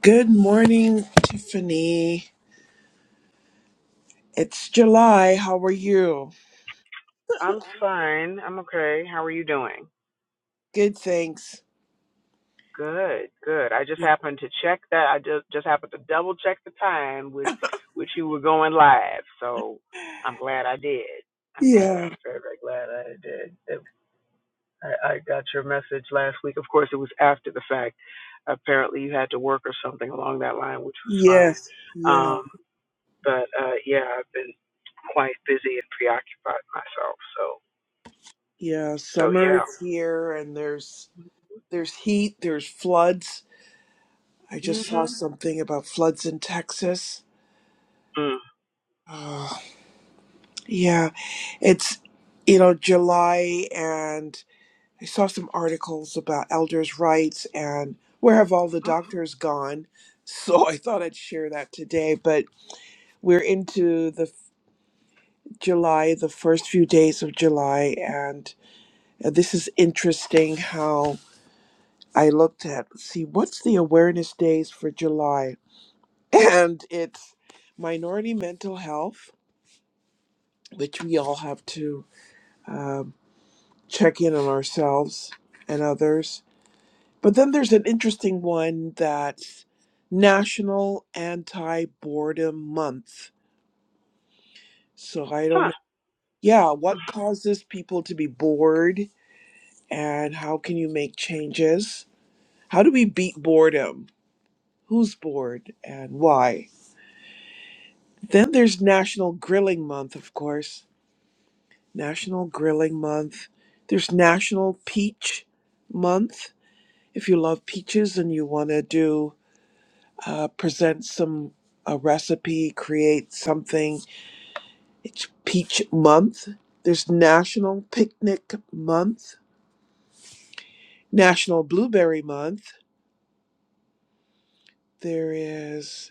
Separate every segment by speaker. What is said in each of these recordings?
Speaker 1: Good morning, Tiffany. It's July. How are you?
Speaker 2: I'm fine. I'm okay. How are you doing?
Speaker 1: Good, thanks.
Speaker 2: Good, good. I just happened to check that. I just just happened to double check the time with which you were going live. So I'm glad I did. I'm glad.
Speaker 1: Yeah.
Speaker 2: I'm very very glad I did. It- I, I got your message last week. Of course, it was after the fact. Apparently, you had to work or something along that line, which was fine.
Speaker 1: Yes. Yeah.
Speaker 2: Um, but uh, yeah, I've been quite busy and preoccupied myself. So
Speaker 1: Yeah.
Speaker 2: so
Speaker 1: Summer
Speaker 2: yeah.
Speaker 1: is here and there's there's heat, there's floods. I just saw
Speaker 2: Mhm.
Speaker 1: something about floods in Texas. Oh, yeah. It's you know, July and I saw some articles about elders' rights and where have all the doctors gone? So I thought I'd share that today, but we're into the July, the first few days of July, and uh, this is interesting how I looked at let's see what's the awareness days for July, and it's minority mental health, which we all have to um, check in on ourselves and others. But then there's an interesting one that's National Anti Boredom Month. So I
Speaker 2: Mm.
Speaker 1: don't know. Yeah, what causes people to be bored? and how can you make changes? How do we beat boredom? Who's bored and why? Then there's National Grilling Month, of course. National Grilling Month. There's National Peach Month. If you love peaches and you want to do uh, present some a recipe, create something, it's Peach Month. There's National Picnic Month. National Blueberry Month. There is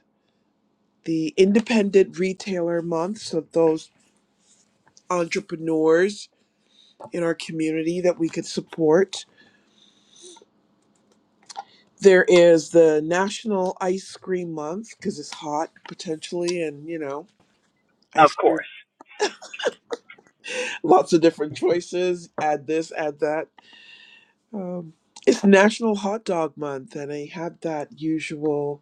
Speaker 1: the independent retailer month so those entrepreneurs in our community that we could support there is the national ice cream month because it's hot potentially and you know
Speaker 2: Of
Speaker 1: ice cream
Speaker 2: course.
Speaker 1: lots of different choices add this add that um, it's national hot dog month and they have that usual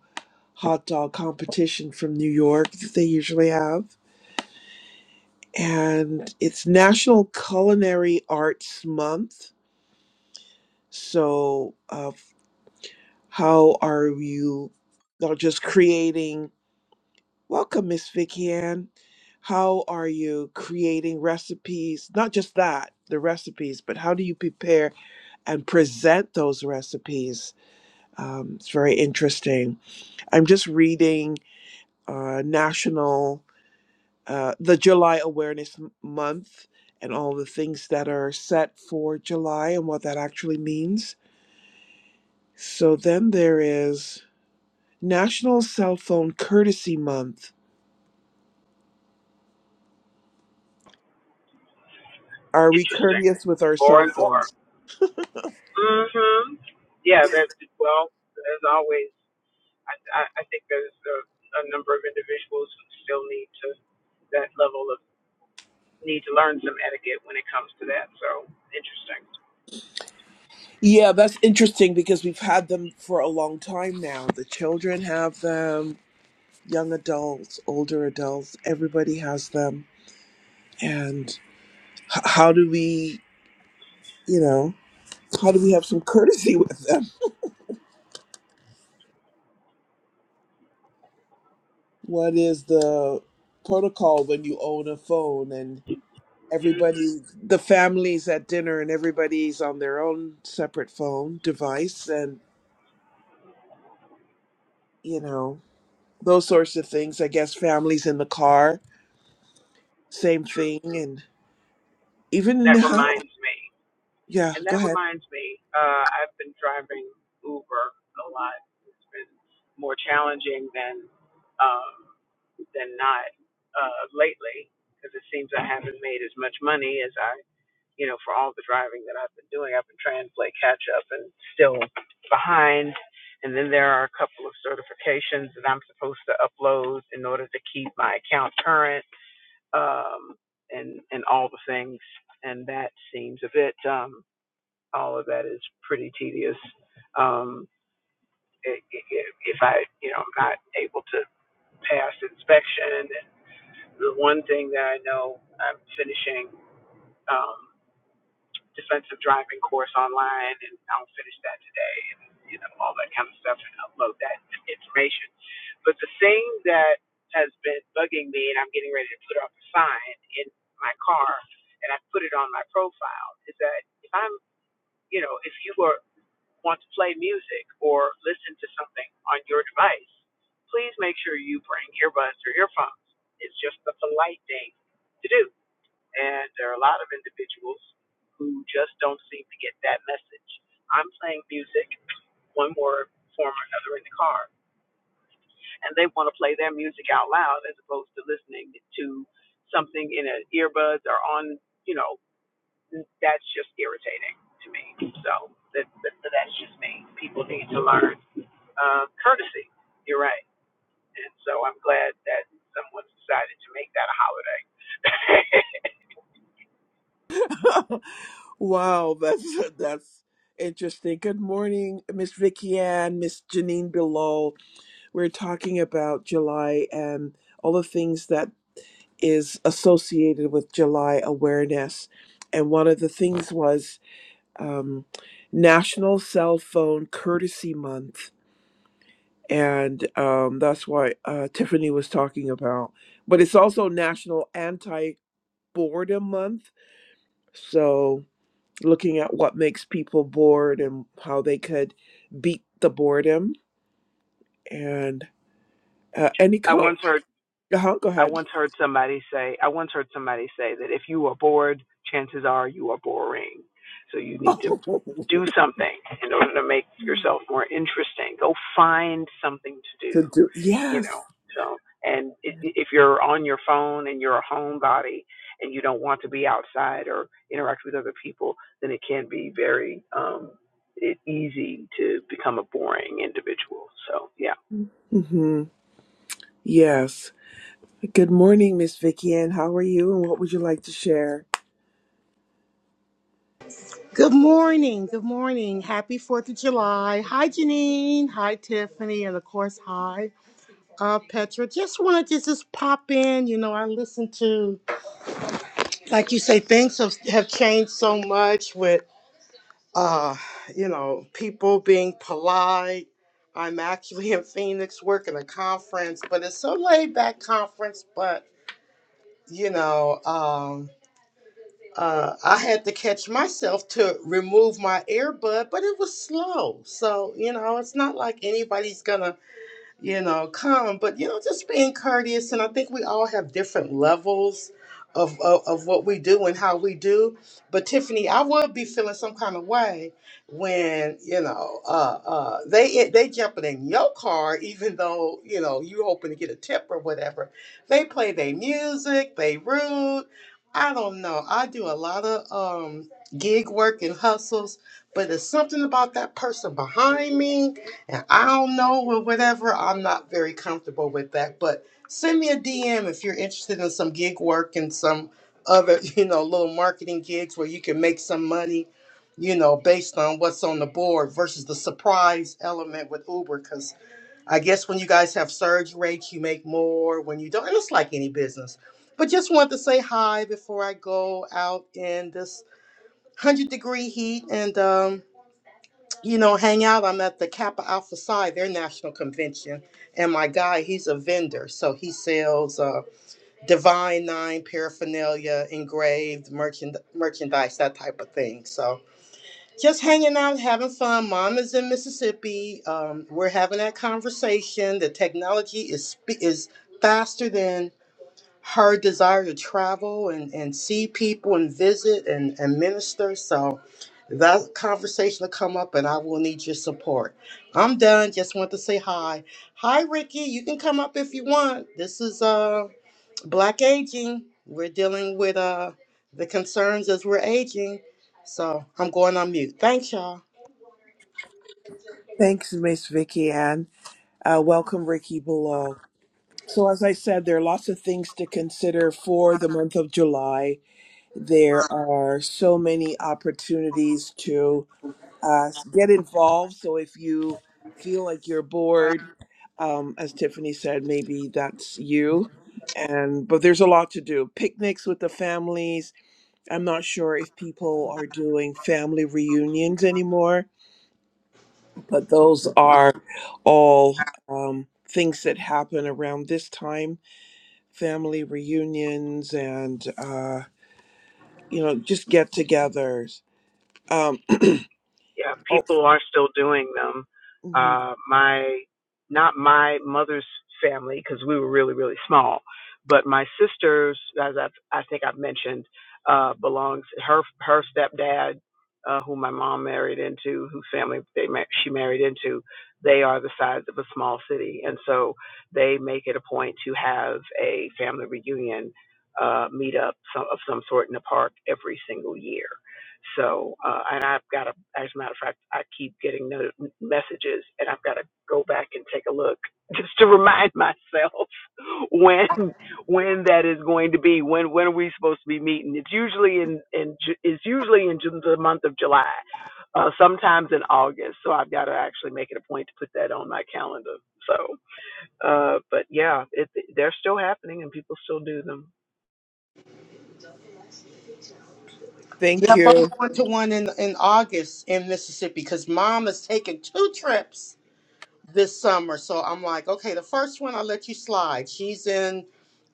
Speaker 1: hot dog competition from new york that they usually have and it's national culinary arts month So, uh, how are you not just creating? Welcome, Miss Vicky Ann. How are you creating recipes? Not just that, the recipes, but how do you prepare and present those recipes? Um, it's very interesting. I'm just reading uh, National, uh, the July Awareness M- Month, and all the things that are set for July and what that actually means. So then there is. National Cell Phone Courtesy Month. Are we
Speaker 2: Interesting.
Speaker 1: courteous with our
Speaker 2: More
Speaker 1: cell
Speaker 2: and more.
Speaker 1: phones?
Speaker 2: hmm Yeah, that, well, as always, I, I, I think there's a, a number of individuals who still need to, that level of, need to learn some etiquette when it comes to that. So, interesting.
Speaker 1: Yeah, that's interesting because we've had them for a long time now. The children have them, young adults, older adults, everybody has them. And h- how do we, you know, how do we have some courtesy with them? What is the protocol when you own a phone and
Speaker 2: hmm
Speaker 1: everybody, the family's at dinner and everybody's on their own separate phone device? and you know, those sorts of things. I guess families in the car, same
Speaker 2: True.
Speaker 1: thing, and even
Speaker 2: That
Speaker 1: now,
Speaker 2: reminds me.
Speaker 1: Yeah,
Speaker 2: And
Speaker 1: go
Speaker 2: that
Speaker 1: ahead.
Speaker 2: reminds me, uh, I've been driving Uber a lot. It's been more challenging than um, than not uh, lately because it seems I haven't made as much money as I, you know, for all the driving that I've been doing. I've been trying to play catch up and still behind. And then there are a couple of certifications that I'm supposed to upload in order to keep my account current um, and and all the things. And that seems a bit. um, all of that is pretty tedious. Um, if I, you know, I'm not able to pass inspection, and the one thing that I know I'm finishing um, defensive driving course online, and I'll finish that today, and you know all that kind of stuff, and upload that information. But the thing that has been bugging me, and I'm getting ready to put up a sign in my car, and I put it on my profile, is that if I'm, you know, if you are want to play music or listen to something on your device, please make sure you bring earbuds or earphones. It's just the polite thing to do. And there are a lot of individuals who just don't seem to get that message. I'm playing music, one more form or another in the car, and they want to play their music out loud as opposed to listening to something in an earbuds or on, you know, that's just irritating to me. So that, that, that's just me. People need to learn um, courtesy. You're right. And so I'm glad that someone's decided to make that a holiday.
Speaker 1: wow, that's that's interesting. Good morning, Miss Vicky Ann, Miss Janine below. We're talking about July and all the things that is associated with July awareness. And one of the things was um, National Cell Phone Courtesy Month and um, that's why uh, Tiffany was talking about. But it's also National Anti Boredom Month, so looking at what makes people bored and how they could beat the boredom. And uh, any
Speaker 2: I
Speaker 1: co-
Speaker 2: once heard
Speaker 1: uh go
Speaker 2: I
Speaker 1: ahead
Speaker 2: once heard somebody say, I once heard somebody say that if you are bored, chances are you are boring. So you need to do
Speaker 1: to
Speaker 2: something in order to make yourself more interesting. Go find something to do,
Speaker 1: do
Speaker 2: you know.
Speaker 1: yes,
Speaker 2: So, and i- i- if you're on your phone and you're a homebody and you don't want to be outside or interact with other people, then it can be very um, e- easy to become a boring individual. So, yeah.
Speaker 1: hmm yes. Good morning, Miss Vicky Ann. How are you? And what would you like to share?
Speaker 3: Good morning. Good morning. Happy 4th of July. Hi, Janine. Hi, Tiffany. And of course, hi, uh, Petra. Just wanted to just pop in. You know, I listen to, like you say, things have, have changed so much with, uh, you know, people being polite. I'm actually in Phoenix working a conference, but it's a laid back conference, but, you know, um, uh, I had to catch myself to remove my earbud, but it was slow. So, you know, it's not like anybody's going to you know, calm, but you know, just being courteous. And I think we all have different levels of, of, of what we do and how we do. But Tiffany, I would be feeling some kind of way when, you know, uh, uh, they they jumping in your car, even though, you know, you hoping to get a tip or whatever. They play their music, they rude. I don't know. I do a lot of um, gig work and hustles, but there's something about that person behind me and I don't know or whatever. I'm not very comfortable with that. But send me a DM if you're interested in some gig work and some other, you know, little marketing gigs where you can make some money, you know, based on what's on the board versus the surprise element with Uber. Because I guess when you guys have surge rates, you make more. When you don't, and it's like any business. But just wanted to say hi before I go out in this one hundred degree heat and um you know, hang out. I'm at the Kappa Alpha Psi, their national convention, and my guy, he's a vendor, so he sells uh, Divine Nine paraphernalia, engraved merchand- merchandise, that type of thing. So just hanging out, having fun. Mom is in Mississippi. Um, we're having that conversation. The technology is spe- is faster than her desire to travel and, and see people and visit and, and minister. So that conversation will come up and I will need your support. I'm done. Just want to say hi. Hi, Ricky. You can come up if you want. This is uh Black Aging. We're dealing with uh the concerns as we're aging. So I'm going on mute. Thanks, y'all.
Speaker 1: Thanks, Miss Vicky Ann. Uh, welcome, Ricky below. So, as I said, there are lots of things to consider for the month of July. There are so many opportunities to uh, get involved. So, if you feel like you're bored, um, as Tiffany said, maybe that's you. And but there's a lot to do. Picnics with the families. I'm not sure if people are doing family reunions anymore, but those are all um, things that happen around this time family reunions and uh, you know just get-togethers. Um,
Speaker 2: yeah,
Speaker 1: oh,
Speaker 2: people are still doing them.
Speaker 1: mhm.
Speaker 2: Uh, my, not my mother's family, because we were really, really small, but my sister's, as I've, I think I've mentioned, uh, belongs her her stepdad, uh, who my mom married into, whose family they mar- she married into. They are the size of a small city, and so they make it a point to have a family reunion uh, meetup some, of some sort in the park every single year so, uh, and I've got to, as a matter of fact, I keep getting no messages and I've got to go back and take a look just to remind myself when, when that is going to be, when, when are we supposed to be meeting? It's usually in, in, Ju- it's usually in Ju- the month of July, uh, sometimes in August. So I've got to actually make it a point to put that on my calendar. So, uh, but yeah, it, they're still happening and people still do them.
Speaker 1: thank
Speaker 3: Yep, I'm
Speaker 1: you.
Speaker 3: going to one in, in August in Mississippi because mom is taking two trips. this summer. So I'm like, okay, the first one I let you slide. She's in,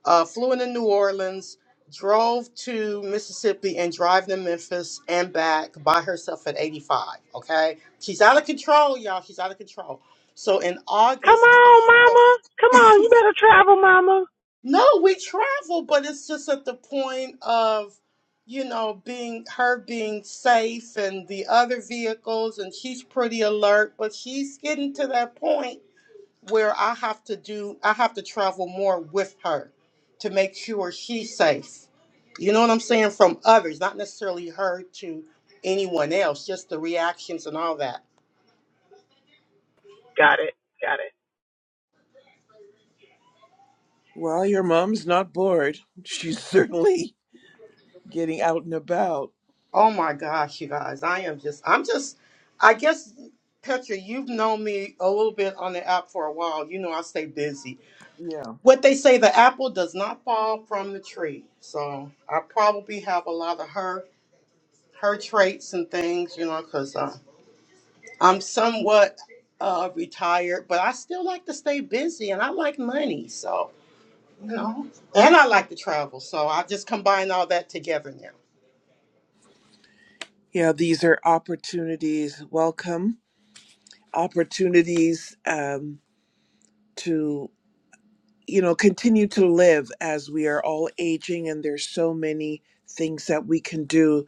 Speaker 3: uh, flew into New Orleans, drove to Mississippi, and drive to Memphis and back by herself at 85. Okay, she's out of control, y'all. She's out of control. So in
Speaker 2: Come
Speaker 3: August,
Speaker 2: on, mama. Come on. You better travel, mama.
Speaker 3: no, we travel, but it's just at the point of. You know, being her being safe and the other vehicles, and she's pretty alert, but she's getting to that point where I have to do I have to travel more with her to make sure she's safe. You know what I'm saying? From others, not necessarily her to anyone else, just the reactions and all that.
Speaker 2: Got it. Got it.
Speaker 1: Well, your mom's not bored. She's certainly getting out and about.
Speaker 3: Oh my gosh, you guys, I am just I'm just I guess Petra, you've known me a little bit on the app for a while. You know I stay busy.
Speaker 1: Yeah,
Speaker 3: What they say the apple does not fall from the tree. So I probably have a lot of her her traits and things, you know, because I'm somewhat uh, retired, but I still like to stay busy and I like money. So, you know, and I like to travel. So I just combine all that together now.
Speaker 1: yeah. These are opportunities. Welcome opportunities um, to you know continue to live as we are all aging, and there's so many things that we can do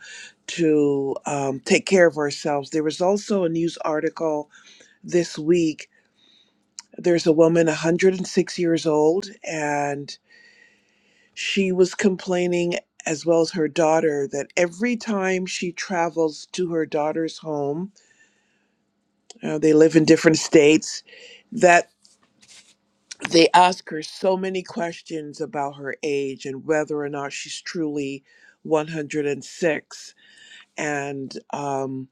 Speaker 1: to um, take care of ourselves. There was also a news article this week. There's a woman 106 years old, and she was complaining, as well as her daughter, that every time she travels to her daughter's home, uh, they live in different states, that they ask her so many questions about her age and whether or not she's truly 106. And six. And um,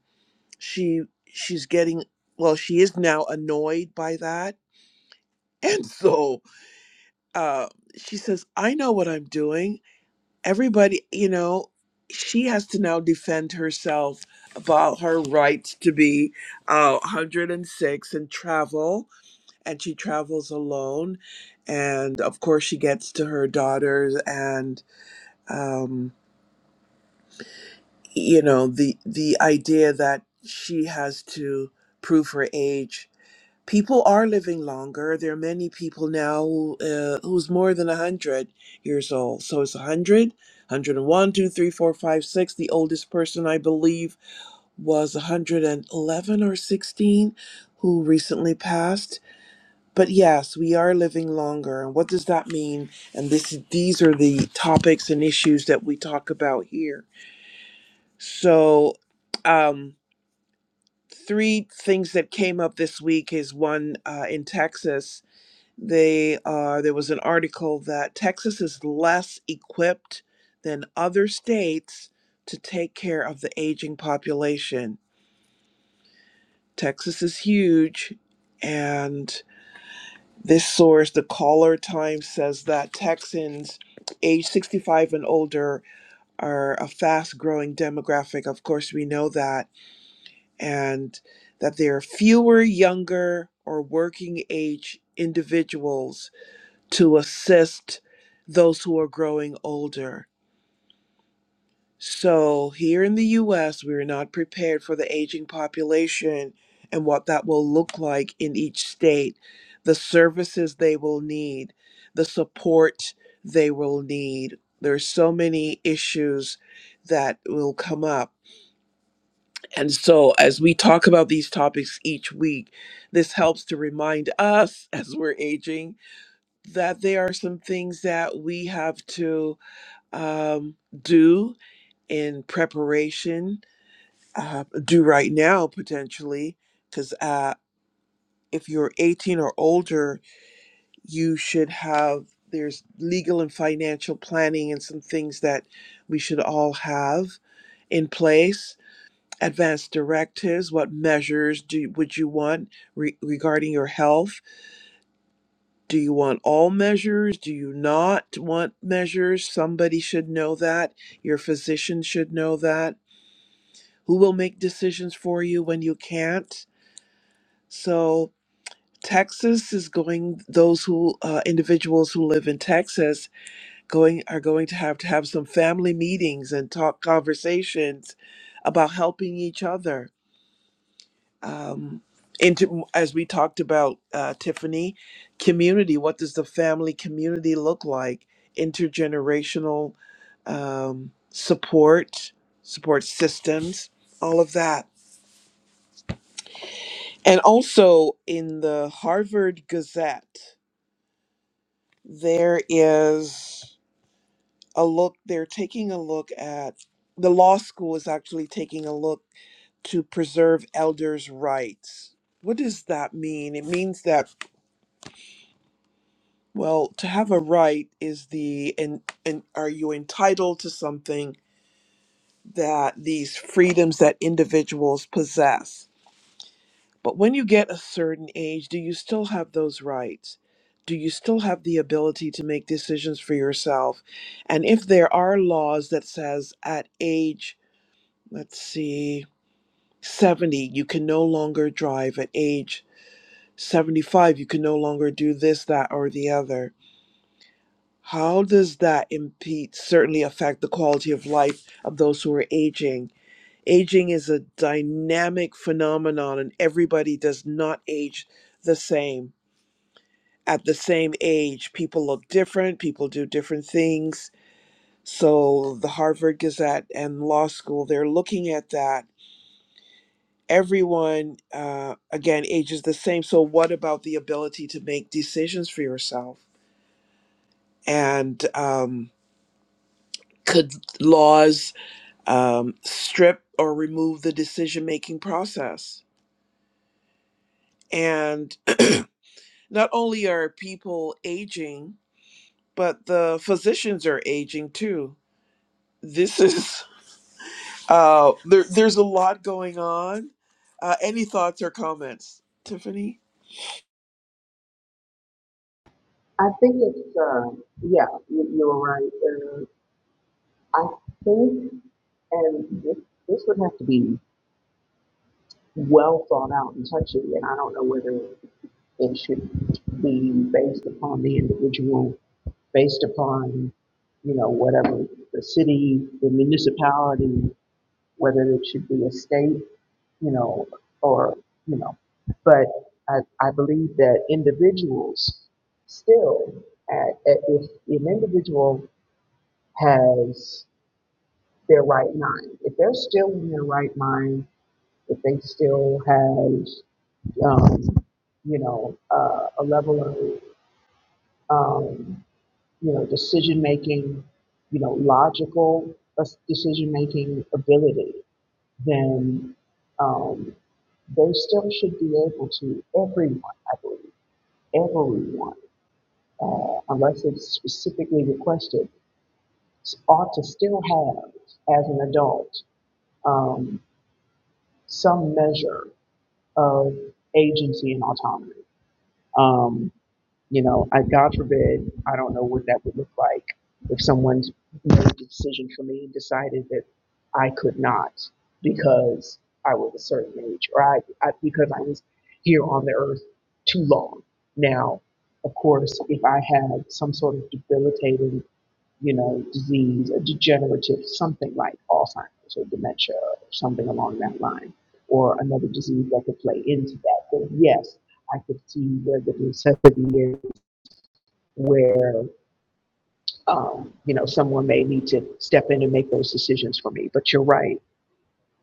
Speaker 1: she she's getting well, she is now annoyed by that. And so uh, she says, I know what I'm doing. Everybody, you know, she has to now defend herself about her rights to be uh, 106 and travel. And she travels alone. And of course, she gets to her daughters. And, um, you know, the, the idea that she has to prove her age people are living longer. There are many people now who, uh, who's more than 100 years old. So it's 100, 101, The oldest person, I believe, was 111 or 16 who recently passed. But yes, we are living longer. And what does that mean? And this, these are the topics and issues that we talk about here. So, um, three things that came up this week is one uh, in Texas They are, there was an article that Texas is less equipped than other states to take care of the aging population. Texas is huge, and this source, the Caller Times, says that Texans age 65 and older are a fast growing demographic. Of course, we know that, and that there are fewer younger or working age individuals to assist those who are growing older. So, here in the US, we're not prepared for the aging population and what that will look like in each state, the services they will need, the support they will need. There's so many issues that will come up. And so, as we talk about these topics each week, this helps to remind us as we're aging that there are some things that we have to um, do in preparation, uh, do right now potentially, because uh, if you're 18 or older, you should have, there's legal and financial planning and some things that we should all have in place. Advanced directives, what measures do, would you want re- regarding your health? Do you want all measures? Do you not want measures? Somebody should know that. Your physician should know that who will make decisions for you when you can't. So Texas is going; those who uh, individuals who live in Texas going are going to have to have some family meetings and talk conversations about helping each other. Um, into as we talked about uh, Tiffany, community. What does the family community look like? Intergenerational um, support, support systems, all of that. And also in the Harvard Gazette, there is a look, they're taking a look at the law school is actually taking a look to preserve elders' rights. What does that mean? It means that, well, to have a right is the, and, and are you entitled to something that these freedoms that individuals possess? But when you get a certain age, do you still have those rights? Do you still have the ability to make decisions for yourself? And if there are laws that says at age, let's see, 70, you can no longer drive at age 75, you can no longer do this, that, or the other. How does that impede, certainly affect the quality of life of those who are aging? Aging is a dynamic phenomenon, and everybody does not age the same at the same age. People look different, people do different things. So, the Harvard Gazette and law school, they're looking at that. Everyone, uh, again, ages the same. So, what about the ability to make decisions for yourself? And um, could laws um, strip or remove the decision making process? And not only are people aging, but the physicians are aging too. This is Uh, there, there's a lot going on. Uh, any thoughts or comments, Tiffany?
Speaker 2: I think it's, uh, yeah, you, you were right. Uh, I think, and this, this would have to be well thought out and touchy, and I don't know whether it should be based upon the individual, based upon, you know, whatever the city, the municipality, whether it should be a state, you know, or, you know, but I, I believe that individuals still, at, at, if an individual has their right mind. If they're still in their right mind, if they still have, um, you know, uh, a level of, um, you know, decision making, you know, logical decision making ability, then um, they still should be able to, everyone, I believe, everyone, uh, unless it's specifically requested, ought to still have, as an adult, um, some measure of agency and autonomy. Um, you know, I, God forbid, I don't know what that would look like if someone made a decision for me and decided that I could not because I was a certain age or I, I because I was here on the earth too long. Now, of course, if I had some sort of debilitating you know, disease, a degenerative, something like Alzheimer's or dementia or something along that line, or another disease that could play into that. But yes, I could see where the necessity is where, um, you know, someone may need to step in and make those decisions for me. But you're right.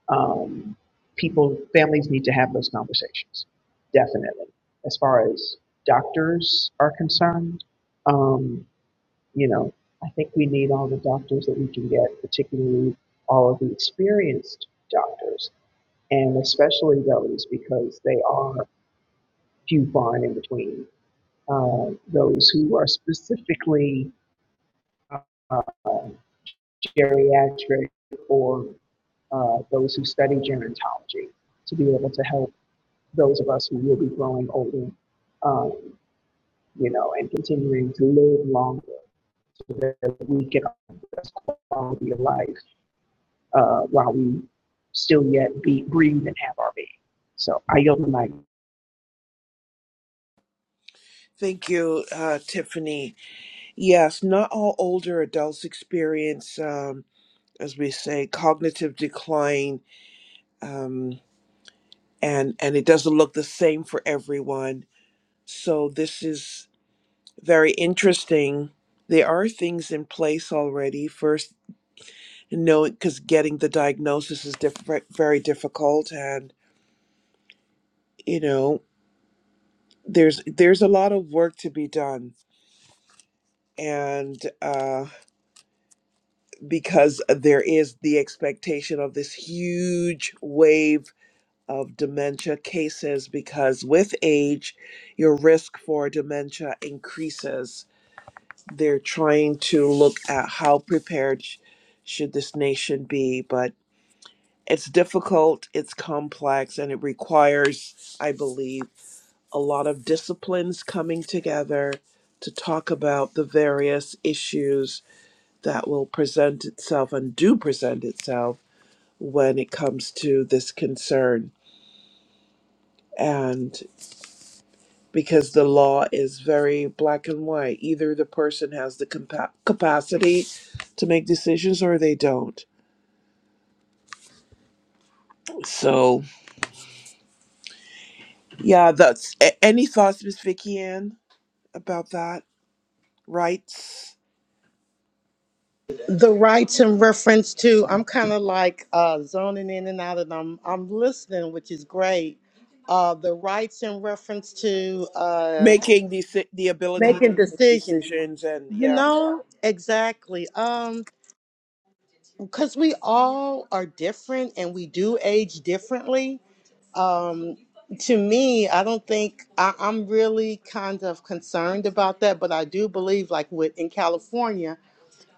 Speaker 2: Um, people, families need to have those conversations, definitely. As far as doctors are concerned, um, you know, I think we need all the doctors that we can get, particularly all of the experienced doctors, and especially those because they are few far and in between. Uh, those who are specifically uh, geriatric or uh, those who study gerontology to be able to help those of us who will be growing older, um, you know, and continuing to live longer so that we can have the best quality of life uh, while we still yet be, breathe and have our being. So I yield the mic.
Speaker 1: Thank you, uh, Tiffany. Yes, not all older adults experience, um, as we say, cognitive decline, um, and and it doesn't look the same for everyone. So this is very interesting. There are things in place already. First, knowing because getting the diagnosis is diff- very difficult, and you know there's there's a lot of work to be done and uh because there is the expectation of this huge wave of dementia cases because with age your risk for dementia increases they're trying to look at how prepared sh- should this nation be but it's difficult it's complex and it requires i believe a lot of disciplines coming together to talk about the various issues that will present itself and do present itself when it comes to this concern. And because the law is very black and white, either the person has the compa- capacity to make decisions or they don't. So, yeah, that's a- any thoughts, Miss Vicky Ann, about that? Rights,
Speaker 3: The rights in reference to, I'm kind of like uh, zoning in and out and I'm, I'm listening, which is great. Uh, the rights in reference to uh,
Speaker 1: making the si-, the ability to
Speaker 3: making
Speaker 1: make
Speaker 3: decisions,
Speaker 1: decisions, and
Speaker 3: you
Speaker 1: yeah.
Speaker 3: know, exactly. Um, because we all are different and we do age differently um to me i don't think I, i'm really kind of concerned about that but i do believe like with in california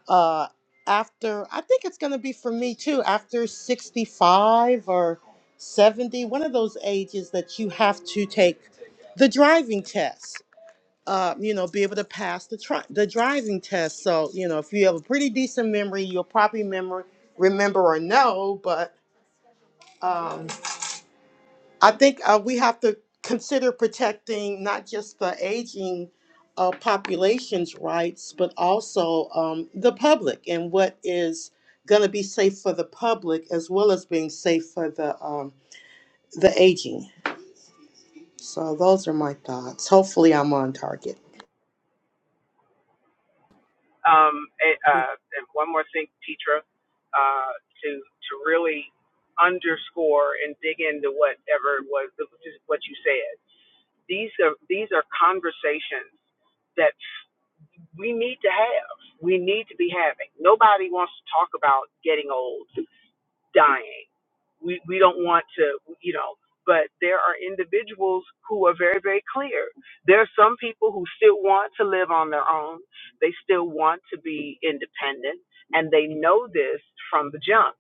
Speaker 3: uh after i think it's going to be for me too after 65 or 70 one of those ages that you have to take the driving test uh, you know, be able to pass the tri- the driving test. So, you know, if you have a pretty decent memory, you'll probably remember remember or know. But Um, I think uh, we have to consider protecting not just the aging uh, population's rights, but also um, the public and what is going to be safe for the public as well as being safe for the um, the aging. So those are my thoughts. Hopefully, I'm on target.
Speaker 2: Um, and, uh, and one more thing, Petra, uh, to to really underscore and dig into whatever was what you said. These are these are conversations that we need to have. We need to be having. Nobody wants to talk about getting old. dying. We we don't want to, you know. But there are individuals who are very very clear. There are some people who still want to live on their own. They still want to be independent, and they know this from the jump.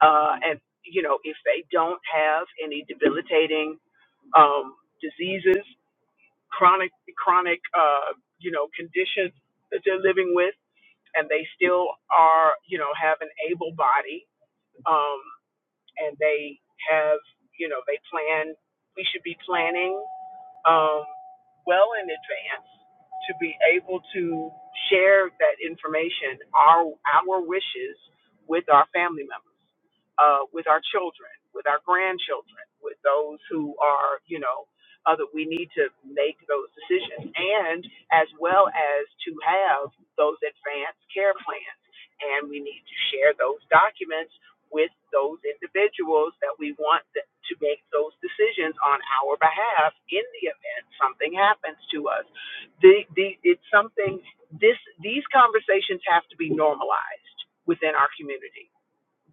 Speaker 2: Uh, and you know, if they don't have any debilitating um, diseases, chronic chronic uh, you know conditions that they're living with, and they still are you know have an able body um, and they have, you know, they plan. We should be planning um, well in advance to be able to share that information, our our wishes, with our family members, uh, with our children, with our grandchildren, with those who are, you know, other. We need to make those decisions, and as well as to have those advanced care plans, and we need to share those documents with those individuals that we want to make those decisions on our behalf in the event something happens to us. The, the, it's something, this, these conversations have to be normalized within our community.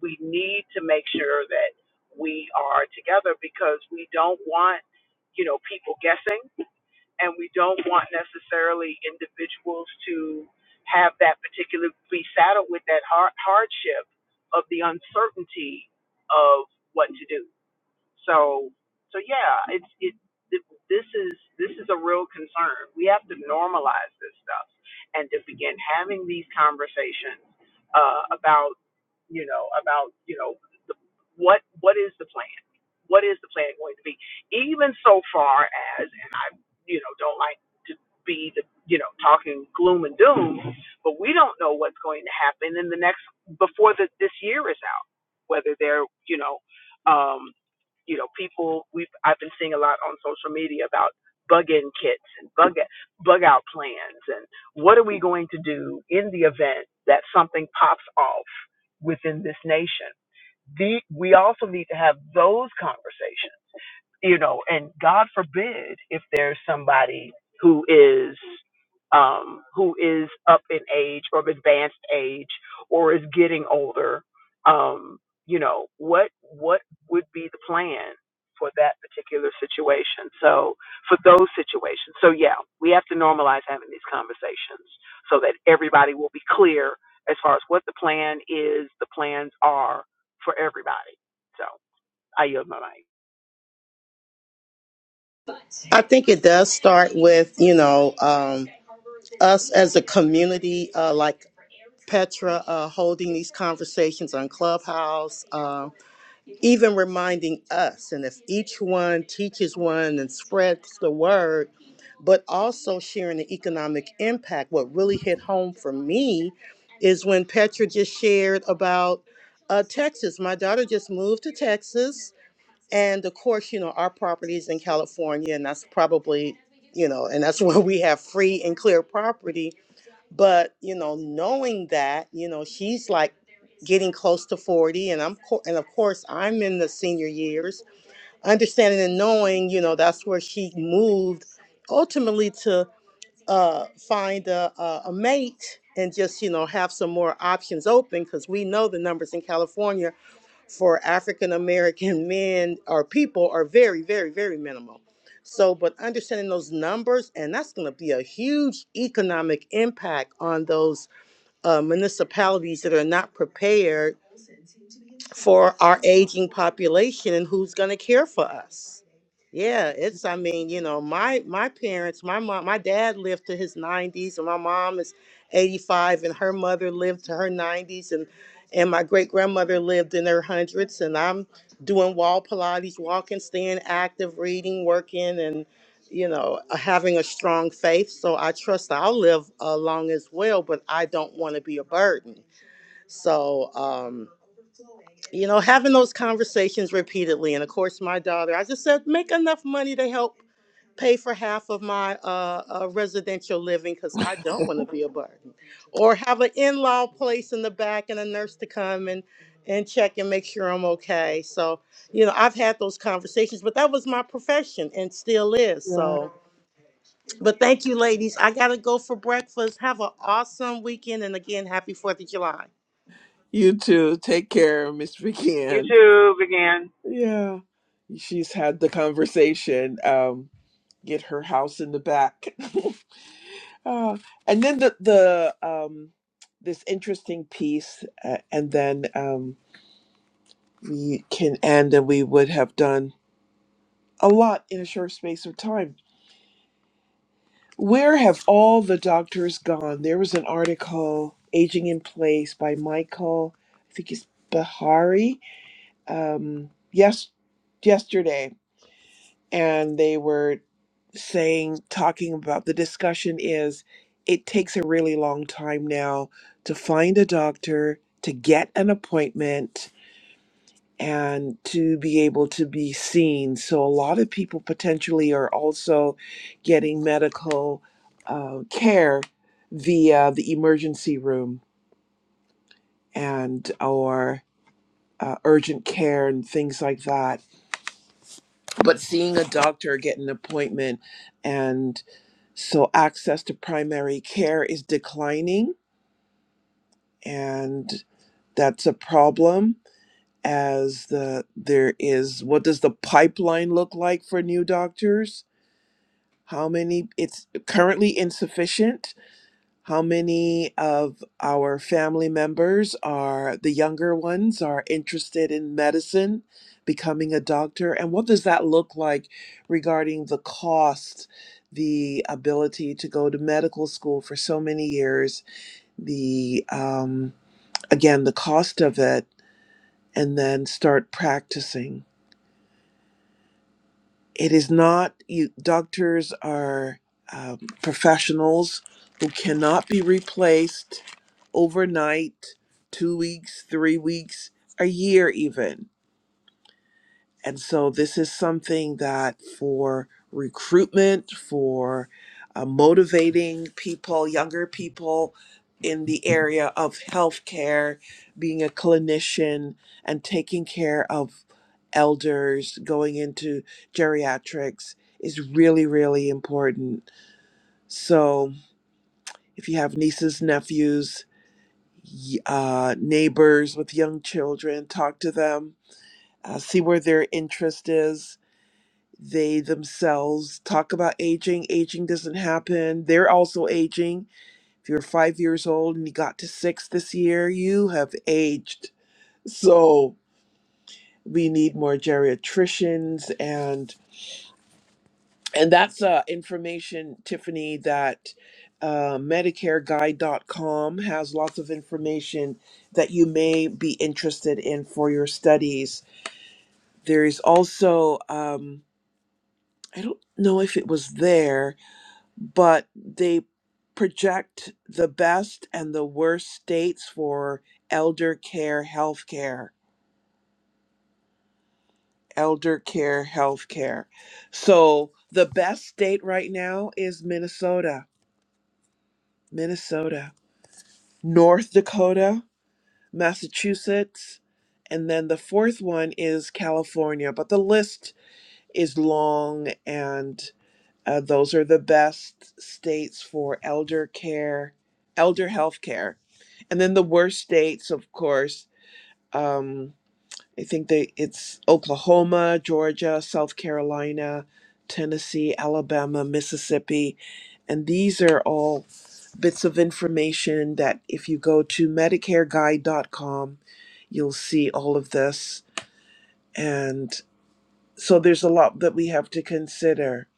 Speaker 2: We need to make sure that we are together because we don't want, you know, people guessing and we don't want necessarily individuals to have that particular be saddled with that har- hardship of the uncertainty of what to do. So, so yeah, it's it. th- This is this is a real concern. We have to normalize this stuff and to begin having these conversations uh, about you know about you know the, what what is the plan? What is the plan going to be? Even so far as you know, don't like to be the, you know, talking gloom and doom, but we don't know what's going to happen in the next, before the, this year is out, whether they're, you know, um, you know, people we've, I've been seeing a lot on social media about bug in kits and bug, bug out plans and what are we going to do in the event that something pops off within this nation? The, we also need to have those conversations you know, and God forbid if there's somebody who is um, who is up in age or of advanced age or is getting older, um, you know, what what would be the plan for that particular situation? So for those situations, so yeah, we have to normalize having these conversations so that everybody will be clear as far as what the plan is, the plans are for everybody. So I yield my mic.
Speaker 3: I think it does start with, you know, um, us as a community, uh, like Petra uh, holding these conversations on Clubhouse, um, even reminding us. And if each one teaches one and spreads the word, but also sharing the economic impact, what really hit home for me is when Petra just shared about uh, Texas. My daughter just moved to Texas and of course, you know, our property is in California, and that's probably, you know, and that's where we have free and clear property. But, you know, knowing that, you know, she's like getting close to 40, and I'm, co- and of course, I'm in the senior years, understanding and knowing, you know, that's where she moved ultimately to uh, find a, a, a mate and just, you know, have some more options open because we know the numbers in California for African American men or people are very, very, very minimal. So, but understanding those numbers, and that's going to be a huge economic impact on those uh, municipalities that are not prepared for our aging population and who's going to care for us yeah it's i mean you know my my parents my mom my dad lived to his 90s and my mom is 85 and her mother lived to her 90s and and my great grandmother lived in her hundreds and i'm doing wall pilates walking staying active reading working and you know uh, having a strong faith so i trust i'll live uh, long as well but i don't want to be a burden so um you know, having those conversations repeatedly. And of course, my daughter, I just said, make enough money to help pay for half of my uh, uh, residential living because I don't want to be a burden. Or have an in law place in the back and a nurse to come and, and check and make sure I'm okay. So, you know, I've had those conversations, but that was my profession and still is.
Speaker 1: Yeah.
Speaker 3: So, but thank you, ladies. I got to go for breakfast. Have an awesome weekend. And again, happy 4th of July.
Speaker 1: You too. Take care, Miss Vicky Ann.
Speaker 2: YouTube again.
Speaker 1: Yeah. She's had the conversation. Um, get her house in the back. uh, and then the, the um this interesting piece uh, and then um we can end and we would have done a lot in a short space of time Where have all the doctors gone? There was an article, Aging in Place, by Michael, I think it's Bahari, um, yes, yesterday. And they were saying, talking about the discussion is it takes a really long time now to find a doctor, to get an appointment, and to be able to be seen. So, a lot of people potentially are also getting medical uh, care via the emergency room and or uh, urgent care and things like that. But seeing a doctor, get an appointment, and so access to primary care is declining, and that's a problem as the there is what does the pipeline look like for new doctors how many it's currently insufficient how many of our family members are the younger ones are interested in medicine becoming a doctor and what does that look like regarding the cost the ability to go to medical school for so many years the um, again the cost of it and then start practicing It is not, you, doctors are um, professionals who cannot be replaced overnight, two weeks, three weeks, a year, even. And so this is something that for recruitment, for uh, motivating people, younger people in the area of healthcare, being a clinician and taking care of elders, going into geriatrics is really, really important. So if you have nieces, nephews, y- uh, neighbors with young children, talk to them, uh, see where their interest is they themselves talk about aging. Aging doesn't happen. They're also aging. If you're five years old and you got to six this year, you have aged. So we need more geriatricians and and that's uh, information, Tiffany, that uh, MedicareGuide.com has lots of information that you may be interested in for your studies. There is also, um, I don't know if it was there, but they project the best and the worst states for elder care healthcare elder care healthcare so the best state right now is minnesota minnesota north dakota massachusetts and then the fourth one is california but the list is long and uh, those are the best states for elder care elder healthcare And then the worst states, of course, um, I think they it's Oklahoma, Georgia, South Carolina, Tennessee, Alabama, Mississippi, and these are all bits of information that if you go to medicareguide.com, you'll see all of this. And so there's a lot that we have to consider,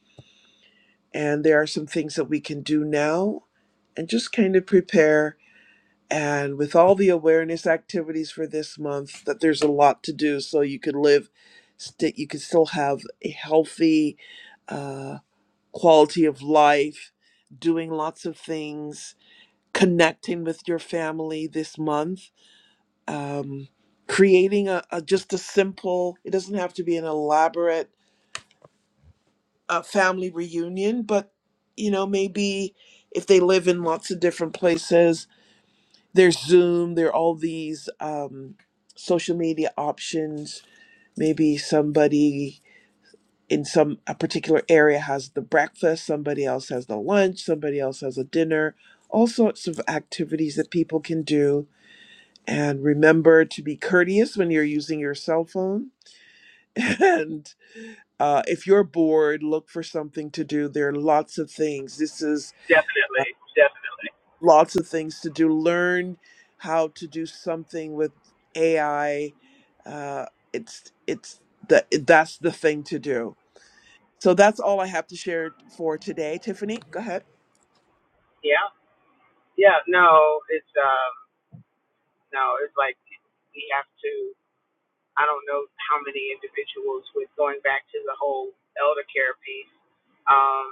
Speaker 1: and there are some things that we can do now, and just kind of prepare and with all the awareness activities for this month that there's a lot to do so you could live st- you could still have a healthy uh, quality of life doing lots of things connecting with your family this month um, creating a, a just a simple it doesn't have to be an elaborate uh, family reunion but you know maybe if they live in lots of different places there's Zoom, there are all these um, social media options. Maybe somebody in some a particular area has the breakfast, somebody else has the lunch, somebody else has a dinner. All sorts of activities that people can do. And remember to be courteous when you're using your cell phone. And uh, if you're bored, look for something to do. There are lots of things. This is
Speaker 2: Definitely. Definitely.
Speaker 1: lots of things to do. Learn how to do something with AI. Uh, it's it's the that's the thing to do. So that's all I have to share for today. Tiffany, go ahead.
Speaker 2: Yeah. Yeah. No, it's um no, it's like we have to I don't know how many individuals with going back to the whole elder care piece. Um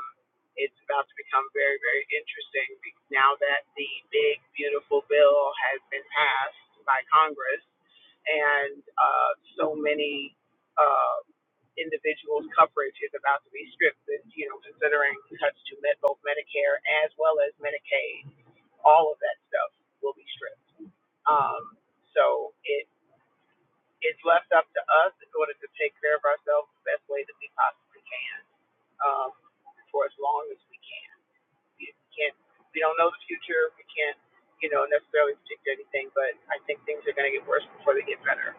Speaker 2: it's about to become very, very interesting now that the big beautiful bill has been passed by Congress and uh so many uh, individual's coverage is about to be stripped, and, you know, considering cuts to med- both Medicare as well as Medicaid, all of that stuff will be stripped. Um, so it it's left up to us in order to take care of ourselves the best way that we possibly can um, for as long as we can. We can't, we don't know the future. We can't, you know, necessarily predict anything, but I think things are going to get worse before they get better.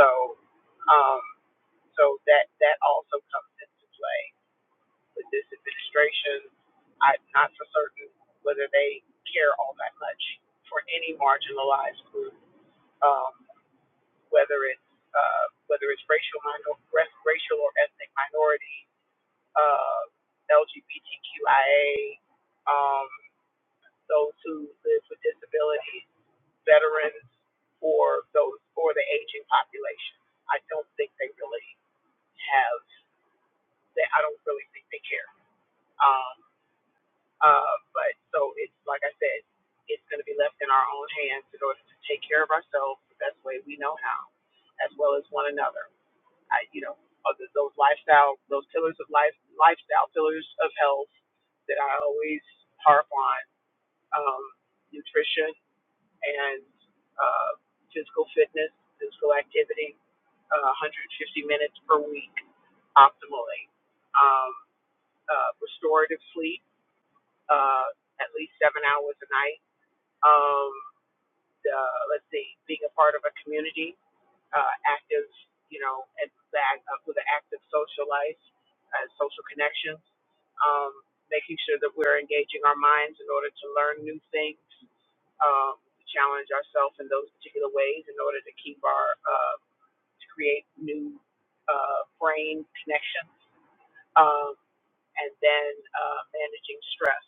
Speaker 2: So, um, so that that also comes into play. with this administration, I'm not so certain whether they care all that much for any marginalized group, um, whether it's uh, whether it's racial minor, racial or ethnic minority, uh, LGBTQIA, um, those who live with disabilities, veterans, or those or the aging population. I don't think they really have. They, I don't really think they care. Um, Uh, but so it's like I said, it's going to be left in our own hands in order to take care of ourselves the best way we know how, as well as one another. I, you know, other, those lifestyle, those pillars of life, lifestyle pillars of health that I always harp on: um, nutrition and uh, physical fitness, physical activity, uh, 150 minutes per week, optimally. Um, uh, restorative sleep uh, at least seven hours a night. Um, the, let's see, being a part of a community, uh, active, you know, and back uh, with an active social life and social connections, um, making sure that we're engaging our minds in order to learn new things, um, to challenge ourselves in those particular ways in order to keep our, uh, to create new uh, brain connections. Um, and then uh, managing stress.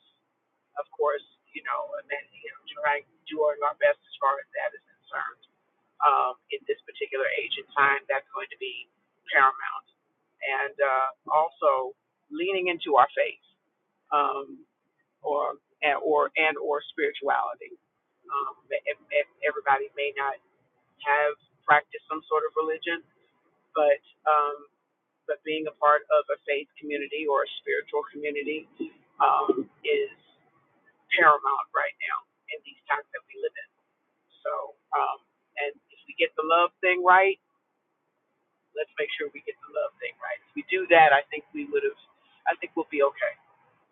Speaker 2: Of course, you know, and then you know, trying doing our best as far as that is concerned. Um, in this particular age and time, that's going to be paramount, and uh, also leaning into our faith, um, or and, or and or spirituality. Um, if, if everybody may not have practiced some sort of religion, but um, but being a part of a faith community or a spiritual community um, is paramount right now in these times that we live in. So, um, and if we get the love thing right, let's make sure we get the love thing right. If we do that, I think we would have, I think we'll be okay.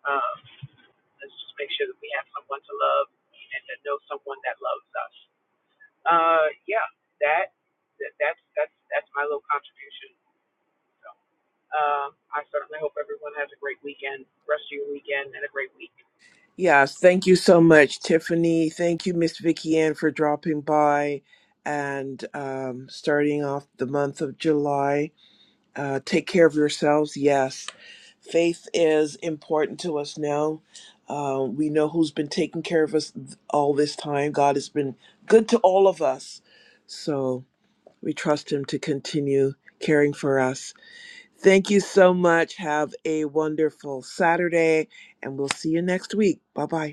Speaker 2: Um, let's just make sure that we have someone to love and to know someone that loves us. Uh, yeah, that, that that's that's that's my little contribution. Uh, I certainly hope everyone has a great weekend, rest of your weekend, and a great week.
Speaker 1: Yes, thank you so much, Tiffany. Thank you, Miss Vicky Ann, for dropping by and um, starting off the month of July. Uh, take care of yourselves. Yes, faith is important to us now. Uh, we know who's been taking care of us th- all this time. God has been good to all of us. So we trust Him to continue caring for us. Thank you so much. Have a wonderful Saturday, and we'll see you next week. Bye bye.